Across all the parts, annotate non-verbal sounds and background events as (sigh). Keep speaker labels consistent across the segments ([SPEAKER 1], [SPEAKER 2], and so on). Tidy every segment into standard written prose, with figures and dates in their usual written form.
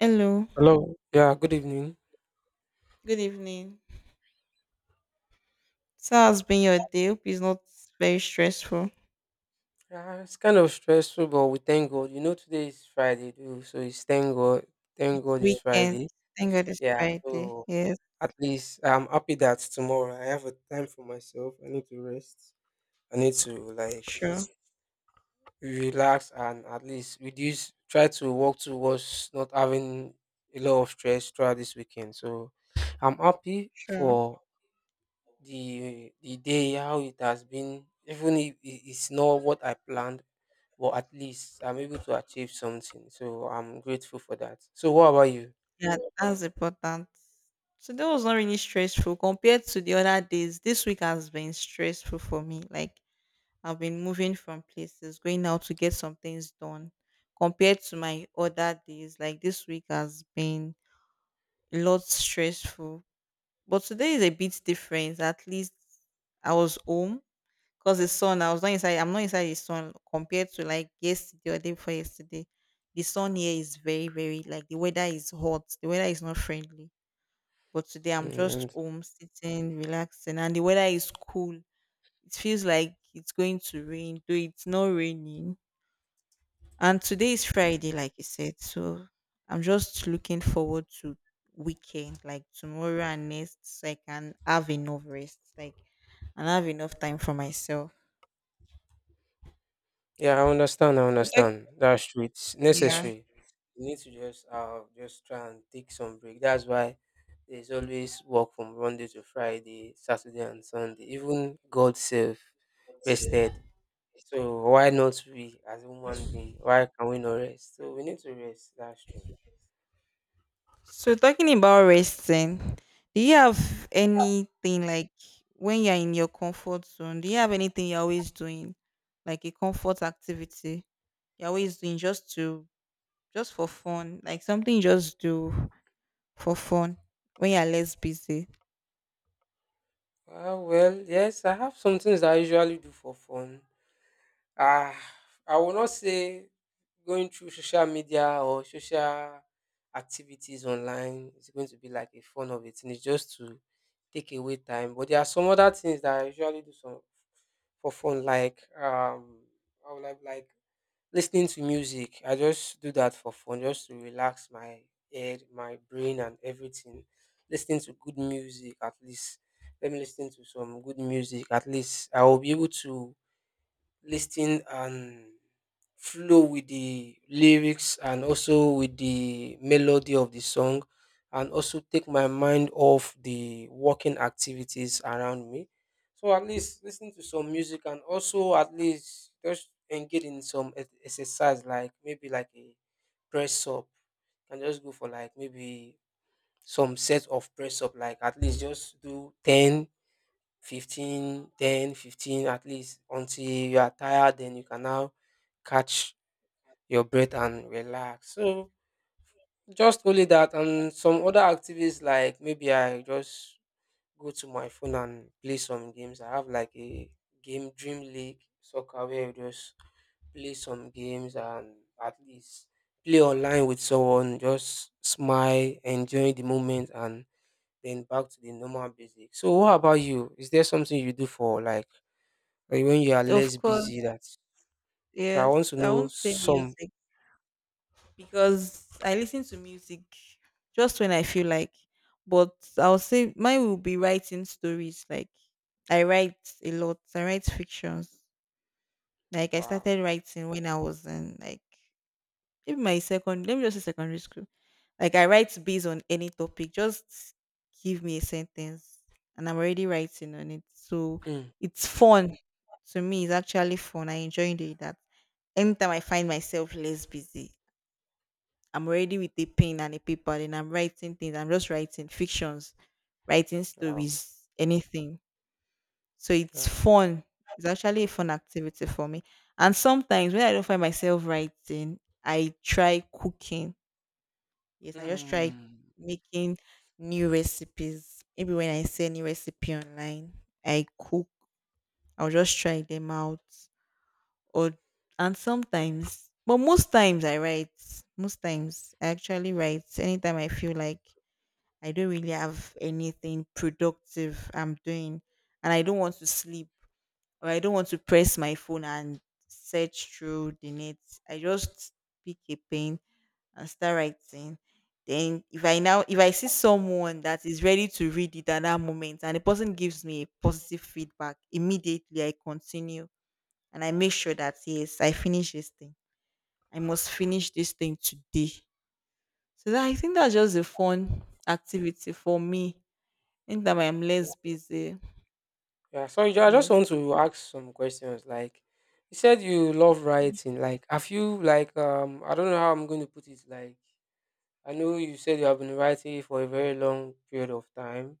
[SPEAKER 1] Hello,
[SPEAKER 2] Hello. Yeah, good evening.
[SPEAKER 1] good evening. So, how's been your day? Hope it's not very stressful.
[SPEAKER 2] It's kind of stressful, but we thank God. Today is Friday, too, so it's thank God. Thank
[SPEAKER 1] It's
[SPEAKER 2] God it's
[SPEAKER 1] weekend.
[SPEAKER 2] Friday.
[SPEAKER 1] Thank God it's
[SPEAKER 2] Yeah,
[SPEAKER 1] Friday.
[SPEAKER 2] so
[SPEAKER 1] Yes,
[SPEAKER 2] at least I'm happy that tomorrow I have a time for myself. I need to rest. I need to like
[SPEAKER 1] sure,
[SPEAKER 2] relax and at least reduce, try to work towards not having a lot of stress throughout this weekend. So I'm happy
[SPEAKER 1] sure.
[SPEAKER 2] for the day how it has been, even if it's not what I planned, but at least I'm able to achieve something, so I'm grateful for that. So what about you?
[SPEAKER 1] Yeah, that's important. Today was not really stressful compared to the other days. This week has been stressful for me. Like, I've been moving from places, going out to get some things done compared to my other days. Like, this week has been a lot stressful. But today is a bit different. At least I was home 'cause the sun, I'm not inside the sun compared to like yesterday or day before yesterday. The sun here is very, very like the weather is hot. The weather is not friendly. But today I'm
[SPEAKER 2] Mm,
[SPEAKER 1] just
[SPEAKER 2] and
[SPEAKER 1] home sitting, relaxing, and the weather is cool. It feels like it's going to rain, though it's not raining. And today is Friday, like you said. So I'm just looking forward to weekend, like tomorrow and next, so I can have enough rest, like and have enough time for myself.
[SPEAKER 2] yeah, I understand. I
[SPEAKER 1] So that,
[SPEAKER 2] understand. That's true, it's
[SPEAKER 1] yeah.
[SPEAKER 2] necessary. You need to just try and take some break. That's why there's always work from Monday to Friday, Saturday and Sunday. Even God self rested, so why not we as human being? Why can we not rest? So we need to rest. That's true.
[SPEAKER 1] So talking about resting, do you have anything like when you're in your comfort zone? Do you have anything you're always doing, like a comfort activity you're always doing just for fun, like something you just do for fun when you're less busy?
[SPEAKER 2] Well, yes, I have some things I usually do for fun. Ah, I will not say going through social media or social activities online is going to be like a fun of it, and it's just to take away time. But there are some other things that I usually do some for fun, like I would like listening to music. I just do that for fun, just to relax my head, my brain, and everything. Listening to good music, at least. Let me listen to some good music. At least I will be able to listening and flow with the lyrics and also with the melody of the song, and also take my mind off the working activities around me. So at least listening to some music, and also at least just engage in some exercise, like maybe like a press up. And just go for like maybe some set of press up, like at least just do 10, 15, 10, 15, at least until you are tired, then you can now catch your breath and relax. So just only that and some other activities, like maybe I just go to my phone and play some games. I have like a game, Dream League Soccer, where you just play some games, and at least play online with someone, just smile, enjoy the moment, and then back to the normal basic. So what about you? Is there something you do for like when you are
[SPEAKER 1] Of
[SPEAKER 2] less
[SPEAKER 1] course,
[SPEAKER 2] busy, that so I
[SPEAKER 1] yes.
[SPEAKER 2] want to
[SPEAKER 1] I
[SPEAKER 2] know
[SPEAKER 1] won't say
[SPEAKER 2] some.
[SPEAKER 1] music because I listen to music just when I feel like. But I'll say mine will be writing stories. Like I write a lot. I write fictions. Like I
[SPEAKER 2] Wow.
[SPEAKER 1] started writing when I was in like maybe my second let me just say secondary school. Like I write based on any topic. Just give me a sentence and I'm already writing on it. So
[SPEAKER 2] Mm.
[SPEAKER 1] it's fun. To me, it's actually fun. I enjoy doing that. Anytime I find myself less busy, I'm already with a pen and a paper and I'm writing things. I'm just writing fictions, writing
[SPEAKER 2] Wow.
[SPEAKER 1] stories, anything. So it's
[SPEAKER 2] Yeah.
[SPEAKER 1] fun. It's actually a fun activity for me. And sometimes when I don't find myself writing, I try cooking. Yes, I just try
[SPEAKER 2] Hmm.
[SPEAKER 1] making new recipes. Maybe when I see a new recipe online, I cook. I'll just try them out. Or and sometimes, but most times I write. Most times I actually write. Anytime I feel like I don't really have anything productive I'm doing, and I don't want to sleep or I don't want to press my phone and search through the net. I just pick a pen and start writing. Then if I see someone that is ready to read it at that moment and the person gives me a positive feedback, immediately I continue and I make sure that yes, I finish this thing. I must finish this thing today. So that, I think that's just a fun activity for me. Anytime I'm less busy.
[SPEAKER 2] Yeah. So I I just
[SPEAKER 1] Yes.
[SPEAKER 2] want to ask some questions. Like, you said you love writing. Like, have you like I don't know how I'm going to put it, like I know you said you have been writing for a very long period of time.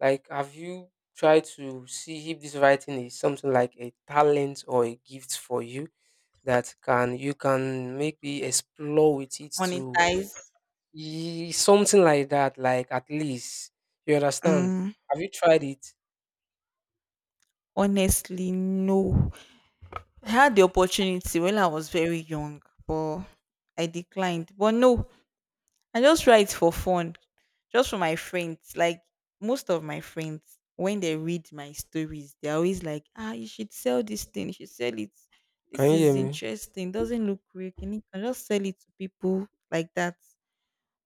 [SPEAKER 2] Like, have you tried to see if this writing is something like a talent or a gift for you, that can you can maybe explore with it to.
[SPEAKER 1] Monetize.
[SPEAKER 2] Something like that, like at least. You understand?
[SPEAKER 1] Mm,
[SPEAKER 2] Have you tried it?
[SPEAKER 1] honestly, no. I had the opportunity when I was very young, but I declined. But no, I just write for fun, just for my friends. Like most of my friends, when they read my stories, they're always like, ah, you should sell this thing, you should sell it. This
[SPEAKER 2] Can you hear
[SPEAKER 1] is
[SPEAKER 2] me?
[SPEAKER 1] interesting, doesn't look real. Can you can just sell it to people like that?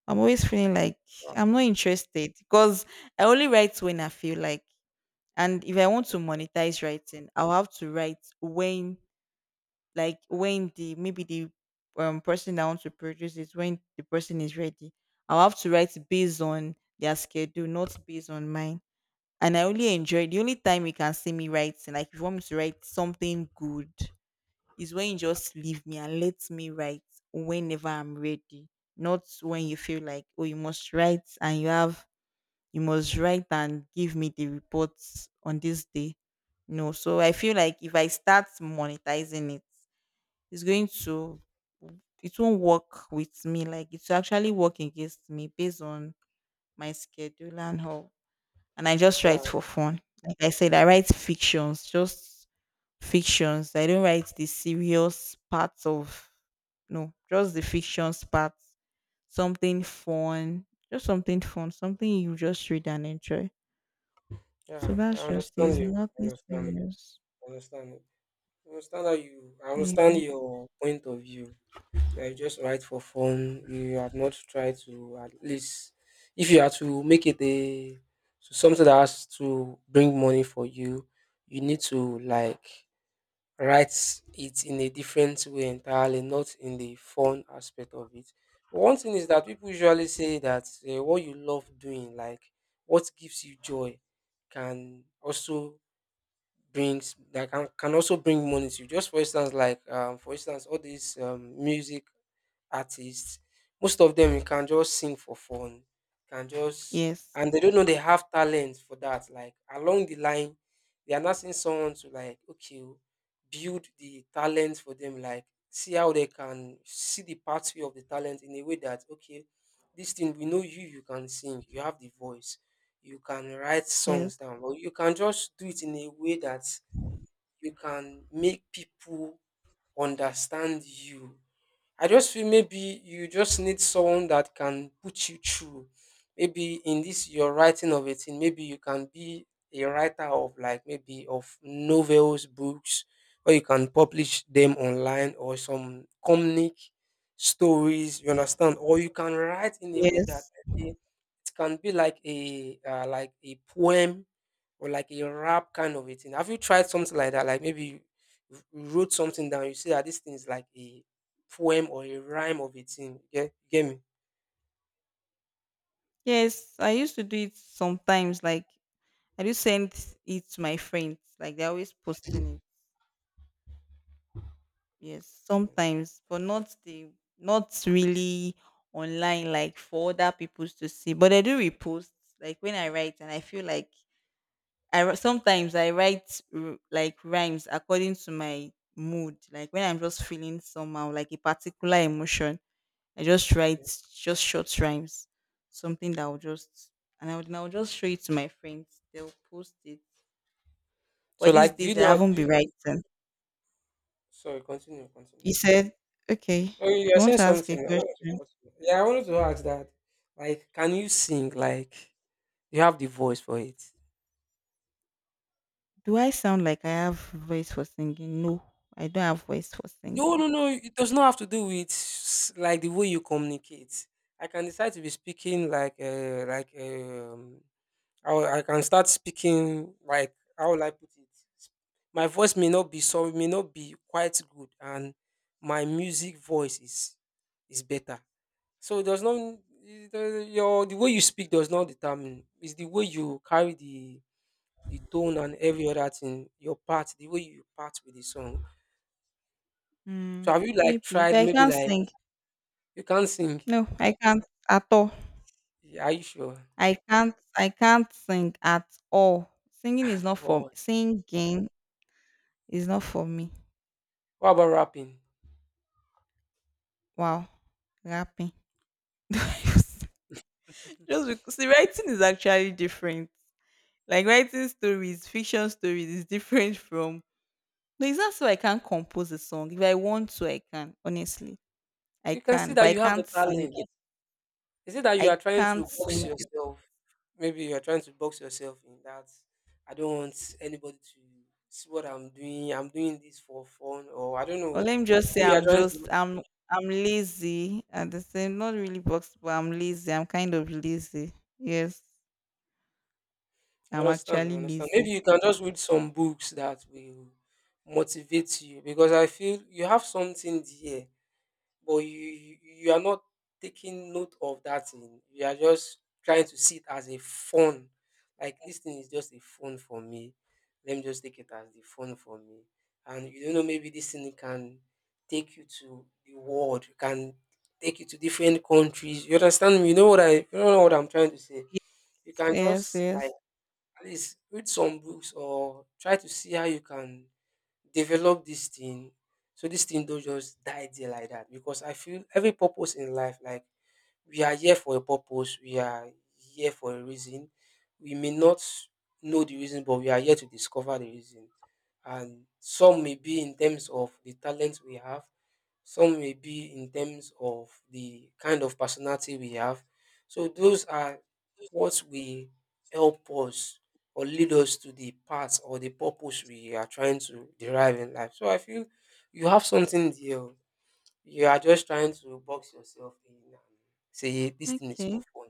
[SPEAKER 1] I'm always feeling like
[SPEAKER 2] Wow.
[SPEAKER 1] I'm not interested because I only write when I feel like. And if I want to
[SPEAKER 2] Okay.
[SPEAKER 1] monetize writing, I'll have to write when like when the maybe the person that wants to produce it, when the person is ready. I'll have to write based on their schedule, not based on mine. And I only enjoy the only time you can see me writing, like if you want me to write something good, is when you just leave me and let me write whenever I'm ready. Not when you feel like, oh, you must write and you must write and give me the reports on this day. No, so I feel like if I start monetizing it, it's going to it won't work with me like it's actually work against me based on my schedule and how. And I just write
[SPEAKER 2] Yeah,
[SPEAKER 1] for fun, like I said. I write fictions, just fictions. I don't write the serious parts of no, just the fictions part, something fun, just something fun, something you just read and enjoy. So
[SPEAKER 2] yeah. I
[SPEAKER 1] that's just
[SPEAKER 2] understand
[SPEAKER 1] it's
[SPEAKER 2] you. I
[SPEAKER 1] nothing
[SPEAKER 2] understand.
[SPEAKER 1] serious.
[SPEAKER 2] I understand. I understand how you I
[SPEAKER 1] Yeah.
[SPEAKER 2] understand your point of view. Yeah, you just write for fun. You have not tried to, at least, if you are to make it a to something that has to bring money for you, you need to like write it in a different way entirely, not in the fun aspect of it. One thing is that people usually say that what you love doing, like what gives you joy, can also brings that can also bring money to you. Just for instance, like for instance, all these music artists, most of them you can just sing for fun, can just,
[SPEAKER 1] yes
[SPEAKER 2] and they don't know they have talent for that. Like, along the line, they are not seeing someone to like okay, build the talent for them. Like, see how they can see the pathway of the talent in a way that okay, this thing we know you can sing, you have the voice, you can write
[SPEAKER 1] yes
[SPEAKER 2] songs down, but you can just do it in a way that you can make people understand you. I just feel maybe you just need someone that can put you through. Maybe in this your writing of a thing, maybe you can be a writer of like maybe of novels, books, or you can publish them online, or some comic stories, you understand? Or you can write in a way that
[SPEAKER 1] yes
[SPEAKER 2] it can be like a poem, or like a rap kind of a thing. Have you tried something like that? Like maybe you wrote something down. You see that this thing is like a poem or a rhyme of a thing. Yeah, get me?
[SPEAKER 1] Yes, I used to do it sometimes. Like I do send it to my friends. Like they're always posting it. Yes, sometimes, but not really online. Like for other people to see, but I do repost. Like when I write, and I feel like sometimes I write like rhymes according to my mood. Like when I'm just feeling somehow, like a particular emotion. I just write
[SPEAKER 2] Okay.
[SPEAKER 1] just short rhymes, something that will just and I would now just show it to my friends. They'll post it.
[SPEAKER 2] So
[SPEAKER 1] But these
[SPEAKER 2] like, do you
[SPEAKER 1] days I
[SPEAKER 2] know?
[SPEAKER 1] haven't
[SPEAKER 2] Do
[SPEAKER 1] been
[SPEAKER 2] you,
[SPEAKER 1] writing.
[SPEAKER 2] sorry, continue, continue.
[SPEAKER 1] He said, "Okay,
[SPEAKER 2] Oh, you are
[SPEAKER 1] you want
[SPEAKER 2] saying
[SPEAKER 1] to ask a
[SPEAKER 2] something. I don't want to
[SPEAKER 1] question?
[SPEAKER 2] cut you. Yeah, I wanted to ask that. Like, can you sing? Like, you have the voice for it.
[SPEAKER 1] Do I sound like I have voice for singing? No, I don't have voice for
[SPEAKER 2] No,
[SPEAKER 1] singing.
[SPEAKER 2] no, no. It does not have to do with like the way you communicate. I can decide to be speaking like I can start speaking like, how will I put it? My voice may not be so may not be quite good, and my music voice is better. So it does not your the way you speak does not determine. It's the way you carry the tone and every other thing. Your part, the way you part with the song.
[SPEAKER 1] Mm,
[SPEAKER 2] So have you like
[SPEAKER 1] maybe, but
[SPEAKER 2] tried
[SPEAKER 1] I
[SPEAKER 2] maybe
[SPEAKER 1] can't
[SPEAKER 2] like.
[SPEAKER 1] sing.
[SPEAKER 2] You can't sing.
[SPEAKER 1] No, I can't at all.
[SPEAKER 2] Yeah, are you sure
[SPEAKER 1] I can't. I can't sing at all.
[SPEAKER 2] at all?
[SPEAKER 1] Singing is
[SPEAKER 2] (laughs)
[SPEAKER 1] not for me.
[SPEAKER 2] What about rapping?
[SPEAKER 1] Wow, rapping. (laughs)
[SPEAKER 2] (laughs)
[SPEAKER 1] Just because see, writing is actually different. Like writing stories, fiction stories is different from. No, it's not so I can't compose a song. If I want to, I can. Honestly, I
[SPEAKER 2] You can see
[SPEAKER 1] can, but
[SPEAKER 2] that
[SPEAKER 1] I
[SPEAKER 2] you have a
[SPEAKER 1] can't sing
[SPEAKER 2] talent.
[SPEAKER 1] it.
[SPEAKER 2] Is it that you
[SPEAKER 1] I
[SPEAKER 2] are trying
[SPEAKER 1] can't
[SPEAKER 2] to box
[SPEAKER 1] sing it.
[SPEAKER 2] yourself? Maybe you are trying to box yourself in that I don't want anybody to see what I'm doing. I'm doing this for fun, or I don't
[SPEAKER 1] Or
[SPEAKER 2] know.
[SPEAKER 1] let me just say,
[SPEAKER 2] Maybe you are
[SPEAKER 1] I'm
[SPEAKER 2] trying
[SPEAKER 1] just
[SPEAKER 2] to.
[SPEAKER 1] I'm lazy at the same. Not really box, but I'm lazy. I'm kind of lazy. Yes,
[SPEAKER 2] I
[SPEAKER 1] I'm
[SPEAKER 2] understand. I
[SPEAKER 1] actually
[SPEAKER 2] understand. Maybe
[SPEAKER 1] lazy.
[SPEAKER 2] you can just read some books that will motivate you, because I feel you have something there, but you are not taking note of that thing. You are just trying to see it as a fun. Like, this thing is just a fun for me. Let me just take it as the fun for me. And you don't know, maybe this thing can take you to the world. It can take you to different countries. You understand me? You know what I'm trying to say. You
[SPEAKER 1] Yes,
[SPEAKER 2] can
[SPEAKER 1] yes,
[SPEAKER 2] just like
[SPEAKER 1] yes.
[SPEAKER 2] at least read some books or try to see how you can develop this thing, so this thing don't just die there like that. Because I feel every purpose in life, like, we are here for a purpose, we are here for a reason. We may not know the reason, but we are here to discover the reason. And some may be in terms of the talent we have, some may be in terms of the kind of personality we have. So those are what will help us or lead us to the path or the purpose we are trying to derive in life. So I feel you have something there. You are just trying to box yourself in and say this thing is
[SPEAKER 1] Okay.
[SPEAKER 2] for fun.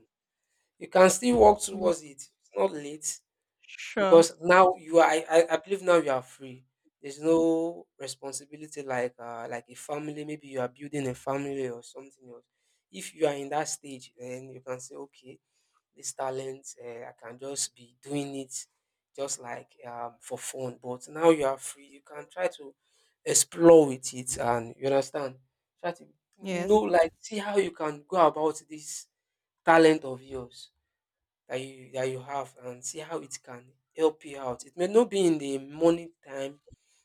[SPEAKER 2] You can still work
[SPEAKER 1] Yes.
[SPEAKER 2] towards it. It's not late,
[SPEAKER 1] Sure.
[SPEAKER 2] because now you are, I believe now you are free. There's no responsibility like a family, maybe you are building a family or something else. If you are in that stage, then you can say okay, this talent I can just be doing it, just like for fun. But now you are free, you can try to explore with it, and you understand, try to
[SPEAKER 1] Yes.
[SPEAKER 2] know, like, see how you can go about this talent of yours that you have, and see how it can help you out. It may not be in the morning time.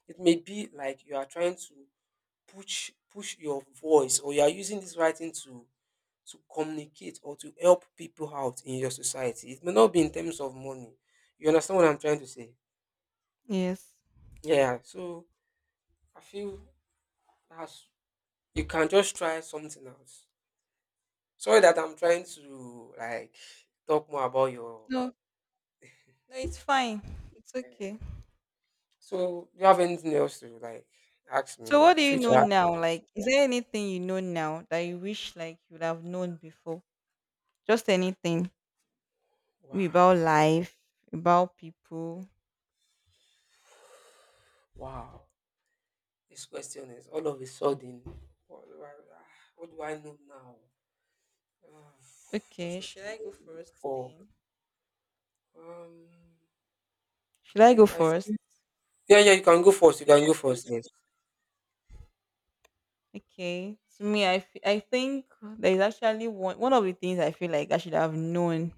[SPEAKER 2] It may be like you are trying to push your voice, or you are using this writing to communicate, or to help people out in your society. It may not be in terms of money. You understand what I'm trying to say?
[SPEAKER 1] Yes.
[SPEAKER 2] Yeah. So I feel that's you can just try something else. Sorry that I'm trying to like talk more about your
[SPEAKER 1] No. No, it's fine. It's okay.
[SPEAKER 2] eh, So do you have anything else to like ask
[SPEAKER 1] So
[SPEAKER 2] me?
[SPEAKER 1] what do you
[SPEAKER 2] Free to
[SPEAKER 1] know
[SPEAKER 2] ask.
[SPEAKER 1] now? Like, is there anything you know now that you wish like you would have known before? Just anything maybe
[SPEAKER 2] Wow,
[SPEAKER 1] about life, about people.
[SPEAKER 2] wow. This question is all of a sudden. What do I, what do I know now? Ah, What
[SPEAKER 1] Okay,
[SPEAKER 2] should
[SPEAKER 1] should
[SPEAKER 2] I
[SPEAKER 1] I go
[SPEAKER 2] know
[SPEAKER 1] first
[SPEAKER 2] before?
[SPEAKER 1] then?
[SPEAKER 2] Um,
[SPEAKER 1] Should I go
[SPEAKER 2] like I
[SPEAKER 1] first?
[SPEAKER 2] feel. Yeah, yeah. You can go first. You can go first. Yes.
[SPEAKER 1] Okay. To me, I think there is actually one of the things I feel like I should have known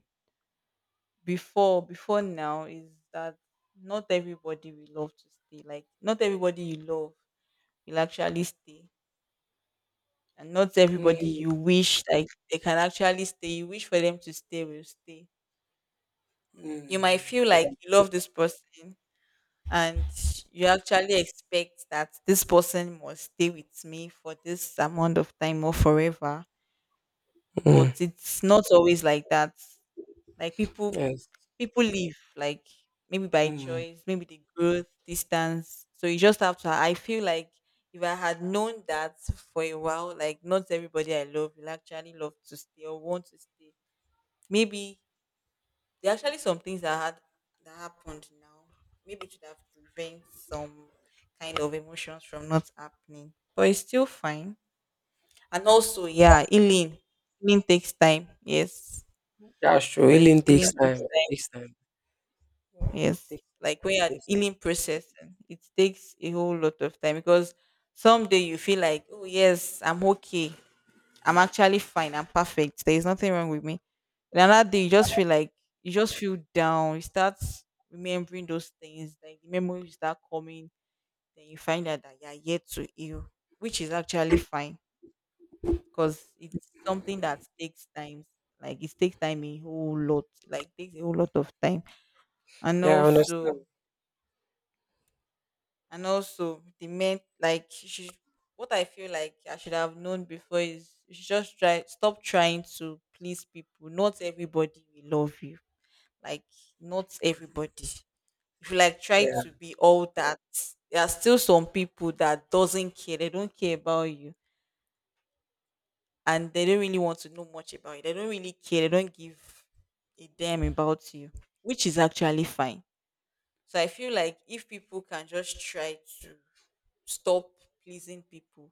[SPEAKER 1] before now is that not everybody will love to stay. Like, not everybody you love will actually stay and not everybody
[SPEAKER 2] Mm,
[SPEAKER 1] you wish like they can actually stay. You wish for them to stay will stay. You might
[SPEAKER 2] mm,
[SPEAKER 1] feel
[SPEAKER 2] yeah.
[SPEAKER 1] like you love this person and you actually expect that this person must stay with me for this amount of time or forever. But
[SPEAKER 2] Mm,
[SPEAKER 1] it's not always like that. Like people
[SPEAKER 2] yes.
[SPEAKER 1] people leave, like maybe by
[SPEAKER 2] Mm.
[SPEAKER 1] choice, maybe the growth distance, so you just have to, I feel like, if I had known that for a while, like not everybody I love will actually love to stay or want to stay, maybe there are actually some things that happened now, maybe it should have prevent some kind of emotions from not happening. But it's still fine. And also, yeah, healing takes time. Yes.
[SPEAKER 2] That's true.
[SPEAKER 1] Yes,
[SPEAKER 2] Healing
[SPEAKER 1] healing
[SPEAKER 2] takes
[SPEAKER 1] takes
[SPEAKER 2] time.
[SPEAKER 1] time.
[SPEAKER 2] Takes time. Yeah, it
[SPEAKER 1] Yes.
[SPEAKER 2] takes,
[SPEAKER 1] Like when
[SPEAKER 2] it
[SPEAKER 1] you're
[SPEAKER 2] takes.
[SPEAKER 1] healing processing, it takes a whole lot of time because someday you feel like, oh yes, I'm okay. I'm actually fine. I'm perfect. There is nothing wrong with me. And another day you just feel like you just feel down. You start remembering those things, like the memories start coming, then you find out that you're yet to heal, which is actually fine. Because it's something that takes time. Like it takes time a whole lot. Like takes a whole lot of time. And
[SPEAKER 2] Yeah, I understand.
[SPEAKER 1] also and also the men like what I feel like I should have known before is you should just try stop trying to please people. Not everybody will love you. Like, not everybody, if you like try to
[SPEAKER 2] Yeah.
[SPEAKER 1] be all that, there are still some people that doesn't care. They don't care about you and they don't really want to know much about you. They don't really care. They don't give a damn about you, which is actually fine. So I feel like if people can just try to stop pleasing people.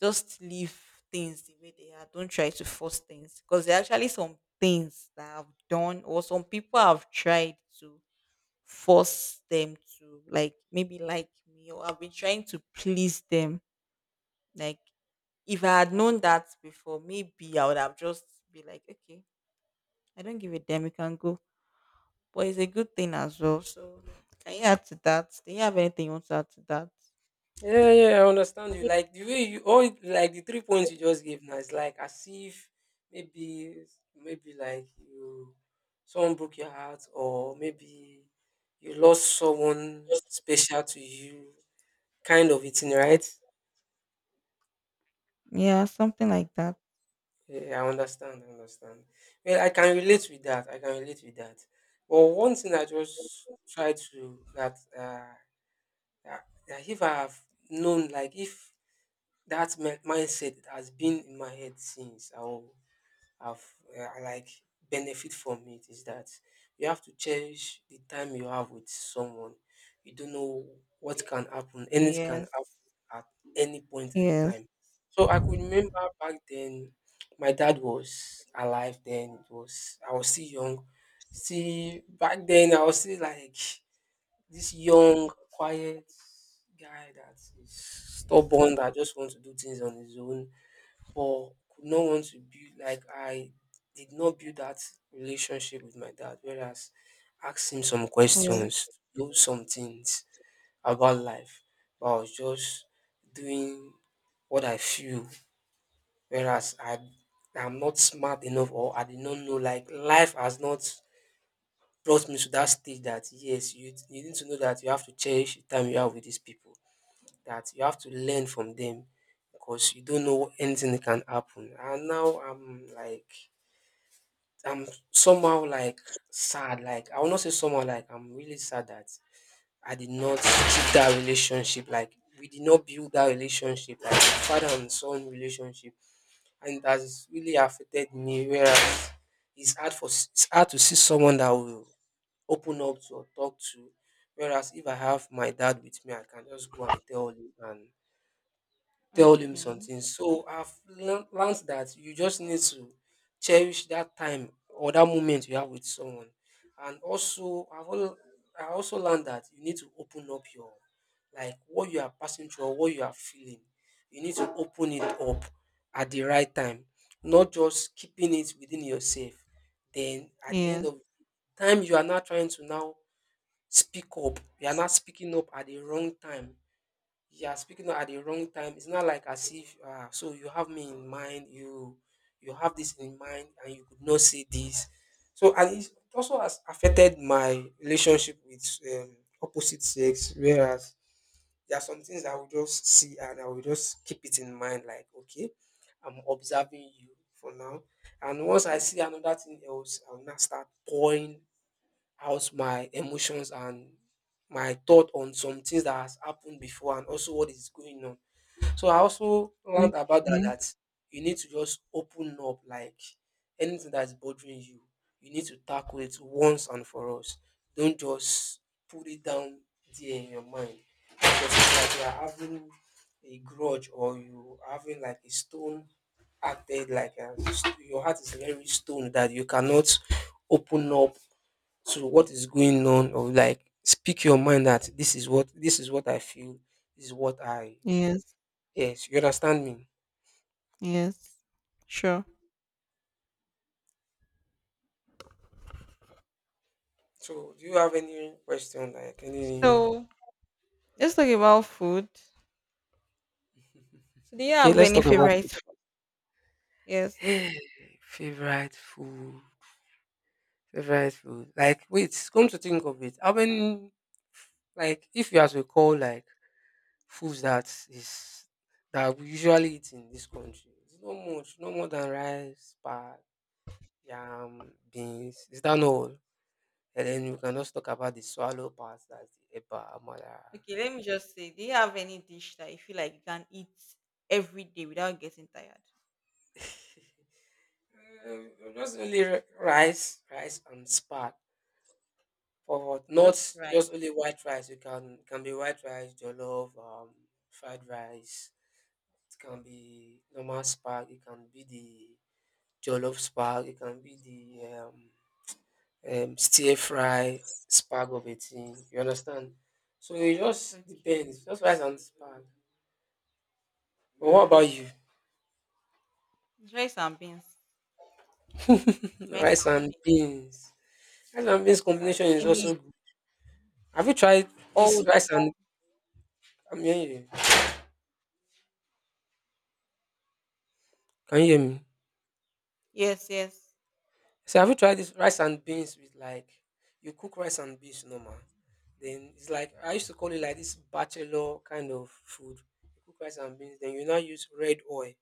[SPEAKER 1] Just leave things the way they are. Don't try to force things because there are actually some things that I've done or some people have tried to force them to like maybe like me or I've been trying to please them. Like if I had known that before, maybe I would have just be like, okay, I don't give a damn, you can go. But it's a good thing as well. So can you add to that? Do you have anything you want to add to that?
[SPEAKER 2] Yeah, yeah, yeah, I understand you. Like the way you all like the three points you just gave now it's like as if maybe maybe like you someone broke your heart, or maybe you lost someone special to you, kind of a thing, right?
[SPEAKER 1] Yeah, something like that.
[SPEAKER 2] Yeah, I understand, I understand. Well, I can relate with that. I can relate with that. But one thing I just try to that if I have known, like if that mindset has been in my head since, I'll have I like benefit from it is that you have to cherish the time you have with someone. You don't know what can happen. Anything can happen
[SPEAKER 1] Yes.
[SPEAKER 2] at any point in
[SPEAKER 1] Yes.
[SPEAKER 2] time. So I could remember back then my dad was alive, then it was I was still young. See, back then I was still like this young, quiet guy that is stubborn, that just wants to do things on his own, but could not want to build, like, I did not build that relationship with my dad, whereas asked him some
[SPEAKER 1] Oh,
[SPEAKER 2] questions, do some things about life, but I was just doing what I feel, whereas I'm not smart enough, or I did not know, like life has not brought me to that stage that yes, you need to know that you have to cherish the time you have with these people, that you have to learn from them because you don't know anything that can happen. And now I'm like, I'm somehow like sad. Like, I will not say somehow, like I'm really sad that I did not keep that relationship. Like, we did not build that relationship, like father and son relationship. And it has really affected me. Whereas it's hard to see someone that will open up to or talk to. Whereas if I have my dad with me, I can just go and tell him
[SPEAKER 1] okay.
[SPEAKER 2] something. So I've learned that you just need to cherish that time or that moment you have with someone. And also, I also learned that you need to open up your, like what you are passing through or what you are feeling. You need to open it up at the right time, not just keeping it within yourself. Then at the end
[SPEAKER 1] Yes.
[SPEAKER 2] of time, you are not trying to now speak up. You are not speaking up at the wrong time. You are speaking up at the wrong time. It's not like as if so you have me in mind, you have this in mind, and you could not say this. So, and it also has affected my relationship with opposite sex. Whereas there are some things I will just see and I will just keep it in mind. Like okay, I'm observing you for now, and once I see another thing else, I'll not start pouring out my emotions and my thought on some things that has happened before and also what is going on. So I also learned about that,
[SPEAKER 1] Okay.
[SPEAKER 2] that you need to just open up, like anything that is bothering you, you need to tackle it once and for all. Don't just put it down there in your mind. Because it's like you are having a grudge, or you are having like a stone, acted like a, your heart is very stone that you cannot open up to what is going on, or like speak your mind that this is what, this is what I feel, this is what I,
[SPEAKER 1] Yes.
[SPEAKER 2] yes, you understand me.
[SPEAKER 1] Yes. Sure.
[SPEAKER 2] So do you have any question, like any?
[SPEAKER 1] So let's talk about food. So do you
[SPEAKER 2] Okay,
[SPEAKER 1] have
[SPEAKER 2] let's
[SPEAKER 1] any
[SPEAKER 2] talk about
[SPEAKER 1] favorite food? Yes.
[SPEAKER 2] food. (sighs) Favorite food. Favorite food. Like wait, come to think of it, how many, like if you have to call like foods that is that we usually eat in this country, it's not much, no more than rice, pad, yam, beans. Is that not all? And then we can just talk about the swallow parts, that's the eba, amala.
[SPEAKER 1] Okay, let me just say, do you have any dish that you feel like you can eat every day without getting tired?
[SPEAKER 2] (laughs) Um, just only rice and spat. For not
[SPEAKER 1] Just
[SPEAKER 2] just only
[SPEAKER 1] rice.
[SPEAKER 2] white rice, you can be white rice, jollof, fried rice. It can be normal spark. It can be the jollof spark. It can be the stir fry spark of a thing. You understand? So it just
[SPEAKER 1] Okay.
[SPEAKER 2] depends. Just rice and spark. But what about you?
[SPEAKER 1] Rice and beans.
[SPEAKER 2] (laughs)
[SPEAKER 1] Rice
[SPEAKER 2] Rice
[SPEAKER 1] and
[SPEAKER 2] and
[SPEAKER 1] beans.
[SPEAKER 2] beans. Rice and beans combination is
[SPEAKER 1] Any
[SPEAKER 2] also good. Have you tried this
[SPEAKER 1] old
[SPEAKER 2] rice and, I'm hearing you. Can you hear me?
[SPEAKER 1] yes.
[SPEAKER 2] So have you tried this rice and beans with like, you cook rice and beans normal? Then it's like, I used to call it like this bachelor kind of food. You cook rice and beans, then you now use red oil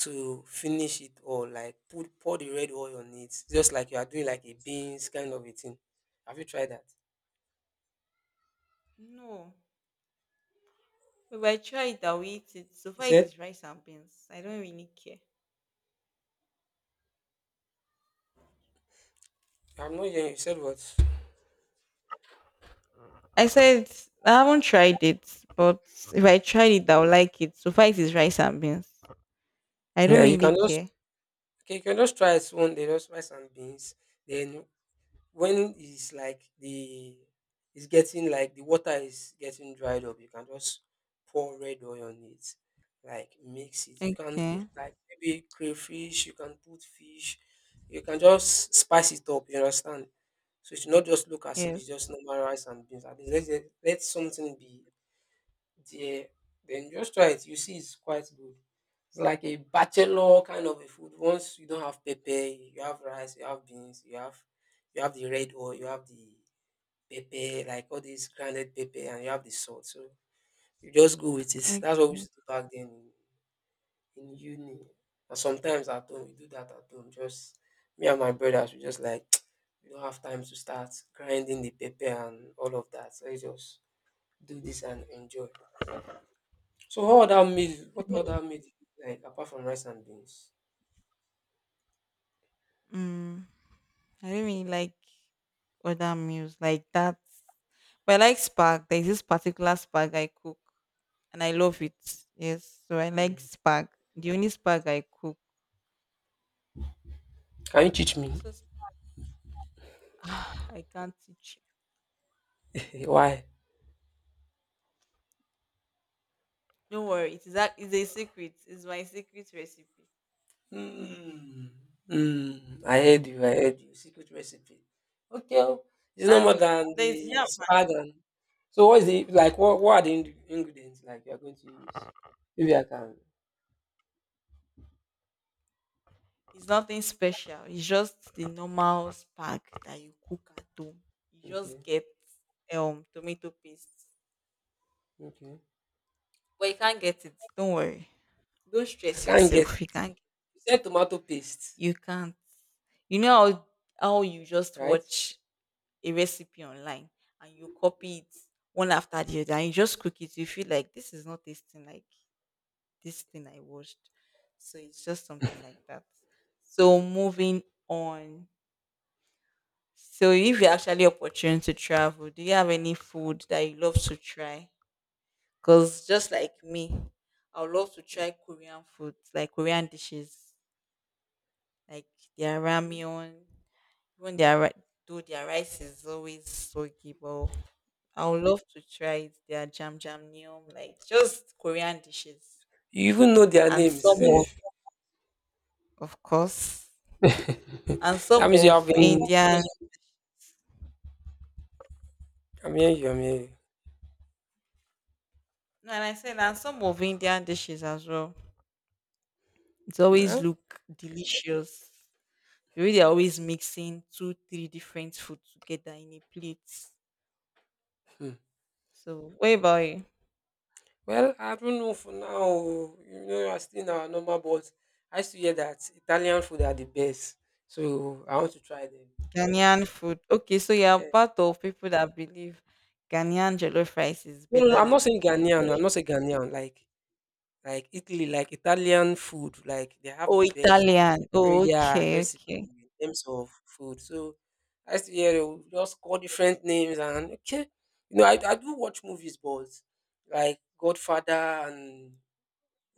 [SPEAKER 2] to finish it, or like put, pour the red oil on it. Just like you are doing like a beans kind of a thing. Have you tried that?
[SPEAKER 1] No. But I try it, I'll eat it. So
[SPEAKER 2] You
[SPEAKER 1] far it
[SPEAKER 2] said,
[SPEAKER 1] is rice and beans. I don't really care.
[SPEAKER 2] I'm not hearing you. You said what?
[SPEAKER 1] I said I haven't tried it, but if I tried it, I would like it. Suffice is rice and beans. I don't
[SPEAKER 2] Yeah, you
[SPEAKER 1] really
[SPEAKER 2] can just,
[SPEAKER 1] care.
[SPEAKER 2] okay, you can just try it one day, just rice and beans. Then when it's like the, it's getting like, the water is getting dried up, you can just pour red oil on it, like mix it. You can put
[SPEAKER 1] Okay.
[SPEAKER 2] like maybe crayfish, you can put fish, you can just spice it up, you understand? So it should not just look as if
[SPEAKER 1] Yes.
[SPEAKER 2] it's just normal rice and beans. At least let, let something be there, then just try it. You see, it's quite good. It's like a bachelor kind of a food. Once you don't have pepper, you have rice, you have beans, you have, you have the red oil, you have the pepper, like all these grounded pepper, and you have the salt. So you just go with it.
[SPEAKER 1] Okay.
[SPEAKER 2] That's what we used to do back then in uni. And sometimes at home, we do that at home. Just me and my brothers, we just like, (tsk) we don't have time to start grinding the pepper and all of that. So you just do this and enjoy. So what other meal? What other meal do you like apart from rice and beans?
[SPEAKER 1] Mm, I don't really like other meals like that. But I like spag. There's this particular spag I cook, and I love it. Yes. So I like
[SPEAKER 2] Mm.
[SPEAKER 1] spag. The only spag I cook.
[SPEAKER 2] Can you teach me?
[SPEAKER 1] So sp- (sighs) I can't teach
[SPEAKER 2] (laughs) Why?
[SPEAKER 1] you. Don't worry. It is that is a secret. It's my secret recipe.
[SPEAKER 2] Mm. Mm. I
[SPEAKER 1] Yes.
[SPEAKER 2] heard you. I heard you. Secret recipe. Okay, oh, it's no more
[SPEAKER 1] And
[SPEAKER 2] than
[SPEAKER 1] there's
[SPEAKER 2] the
[SPEAKER 1] yam.
[SPEAKER 2] spag. So what is the, like, what are the ingredients like you are going to use? Maybe I can.
[SPEAKER 1] It's nothing special. It's just the normal spag that you cook at home. You just
[SPEAKER 2] Okay,
[SPEAKER 1] get tomato paste.
[SPEAKER 2] okay.
[SPEAKER 1] But you can't get it. Don't worry. Don't
[SPEAKER 2] I
[SPEAKER 1] stress
[SPEAKER 2] can't get it.
[SPEAKER 1] yourself.
[SPEAKER 2] You said tomato paste,
[SPEAKER 1] You can't. You know how you just
[SPEAKER 2] right?
[SPEAKER 1] watch a recipe online and you copy it one after the other and you just cook it. You feel like this is not tasting like this thing I watched. So it's just something like that. So moving on, so if you're actually opportune to travel, do you have any food that you love to try? Because just like me, I would love to try Korean food, like Korean dishes, like their
[SPEAKER 2] Mm.
[SPEAKER 1] ramyeon, even though their rice is always soggy, but I would love to try it, their jam jam neum, like just Korean dishes.
[SPEAKER 2] You even know their
[SPEAKER 1] And
[SPEAKER 2] names,
[SPEAKER 1] some
[SPEAKER 2] sef.
[SPEAKER 1] of course.
[SPEAKER 2] (laughs)
[SPEAKER 1] And some
[SPEAKER 2] That means you have
[SPEAKER 1] of
[SPEAKER 2] been.
[SPEAKER 1] Indian
[SPEAKER 2] I'm here. You. I'm
[SPEAKER 1] no, and I said and some of Indian dishes as well. It always
[SPEAKER 2] here.
[SPEAKER 1] look delicious. The way they're always mixing two, three different food together in a plate.
[SPEAKER 2] Hmm.
[SPEAKER 1] So what about you?
[SPEAKER 2] Well, I don't know for now, oh. You know, I still in our normal, but I used to hear that Italian food are the best. So I want to try them.
[SPEAKER 1] Ghanaian food. Okay, so you're
[SPEAKER 2] Yeah.
[SPEAKER 1] part of people that believe Ghanaian jollof rice is
[SPEAKER 2] No, no, no,
[SPEAKER 1] better
[SPEAKER 2] I'm
[SPEAKER 1] than
[SPEAKER 2] not saying
[SPEAKER 1] Nigerian
[SPEAKER 2] Ghanaian. No,
[SPEAKER 1] jollof.
[SPEAKER 2] I'm
[SPEAKER 1] (laughs)
[SPEAKER 2] not saying Ghanaian. Like Italy, like Italian food, like they have
[SPEAKER 1] Oh,
[SPEAKER 2] the best,
[SPEAKER 1] Italian. Oh,
[SPEAKER 2] yeah,
[SPEAKER 1] okay,
[SPEAKER 2] recipe
[SPEAKER 1] okay.
[SPEAKER 2] in terms of food. So I used to hear they would just call different names, and okay, you know, I do watch movies, but like Godfather and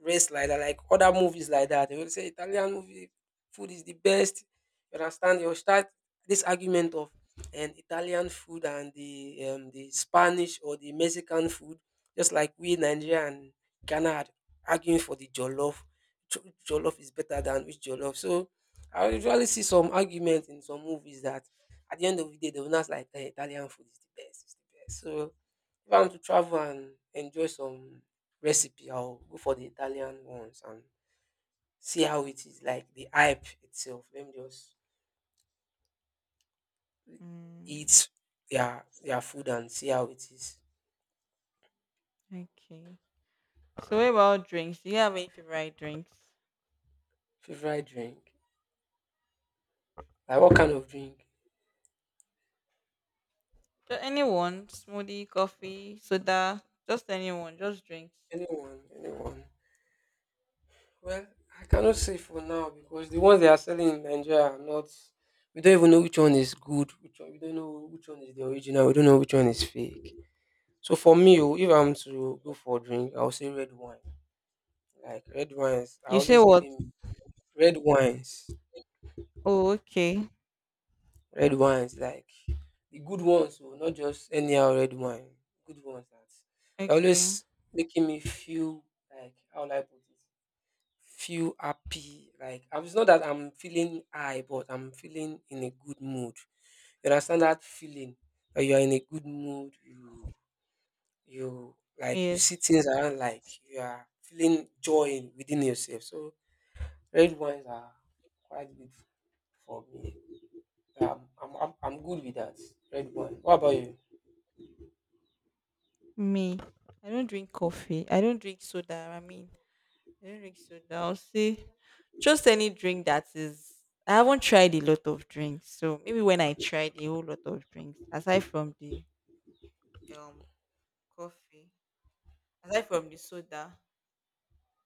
[SPEAKER 2] race like that, like other movies like that. They will say Italian movie food is the best. You understand? You'll start this argument of, and Italian food and the Spanish or the Mexican food, just like we Nigeria and Ghana are arguing for the jollof. Jollof is better than which jollof. So I usually see some argument in some movies that at the end of the day, they will not like, "Eh, Italian food is the best. It's the best." So if I want to travel and enjoy some recipe, I'll go for the Italian ones and see how it is, like the hype itself. Let me just
[SPEAKER 1] Mm,
[SPEAKER 2] eat their food and see how it is.
[SPEAKER 1] okay. So what about drinks? Do you have any favorite drinks?
[SPEAKER 2] Favorite drink? Like what kind of drink?
[SPEAKER 1] Just anyone, smoothie, coffee, soda, just anyone, just drinks.
[SPEAKER 2] Anyone, anyone. Well, I cannot say for now because the ones they are selling in Nigeria are not, we don't even know which one is good. Which one, we don't know which one is the original. We don't know which one is fake. So for me, oh, if I'm to go for a drink, I'll say red wine. Like red wines, I
[SPEAKER 1] You say
[SPEAKER 2] always give
[SPEAKER 1] what?
[SPEAKER 2] him red wines.
[SPEAKER 1] Oh, okay.
[SPEAKER 2] Red wines, like the good ones, oh, not just anyhow red wine. Good ones that they're
[SPEAKER 1] Okay.
[SPEAKER 2] always making me feel, like how will I put it? Feel happy. Like I- it's not that I'm feeling high, but I'm feeling in a good mood. You understand that feeling that you are in a good mood. You like, you
[SPEAKER 1] Yes,
[SPEAKER 2] see things around like you are feeling joy within yourself. So red wines are quite good for me. I'm good with that. Red one. What about you?
[SPEAKER 1] me. I don't drink coffee. I don't drink soda. I mean, I don't drink soda. I'll say just any drink that is. I haven't tried a lot of drinks, so maybe when I tried a whole lot of drinks, aside from the um coffee, aside from the soda,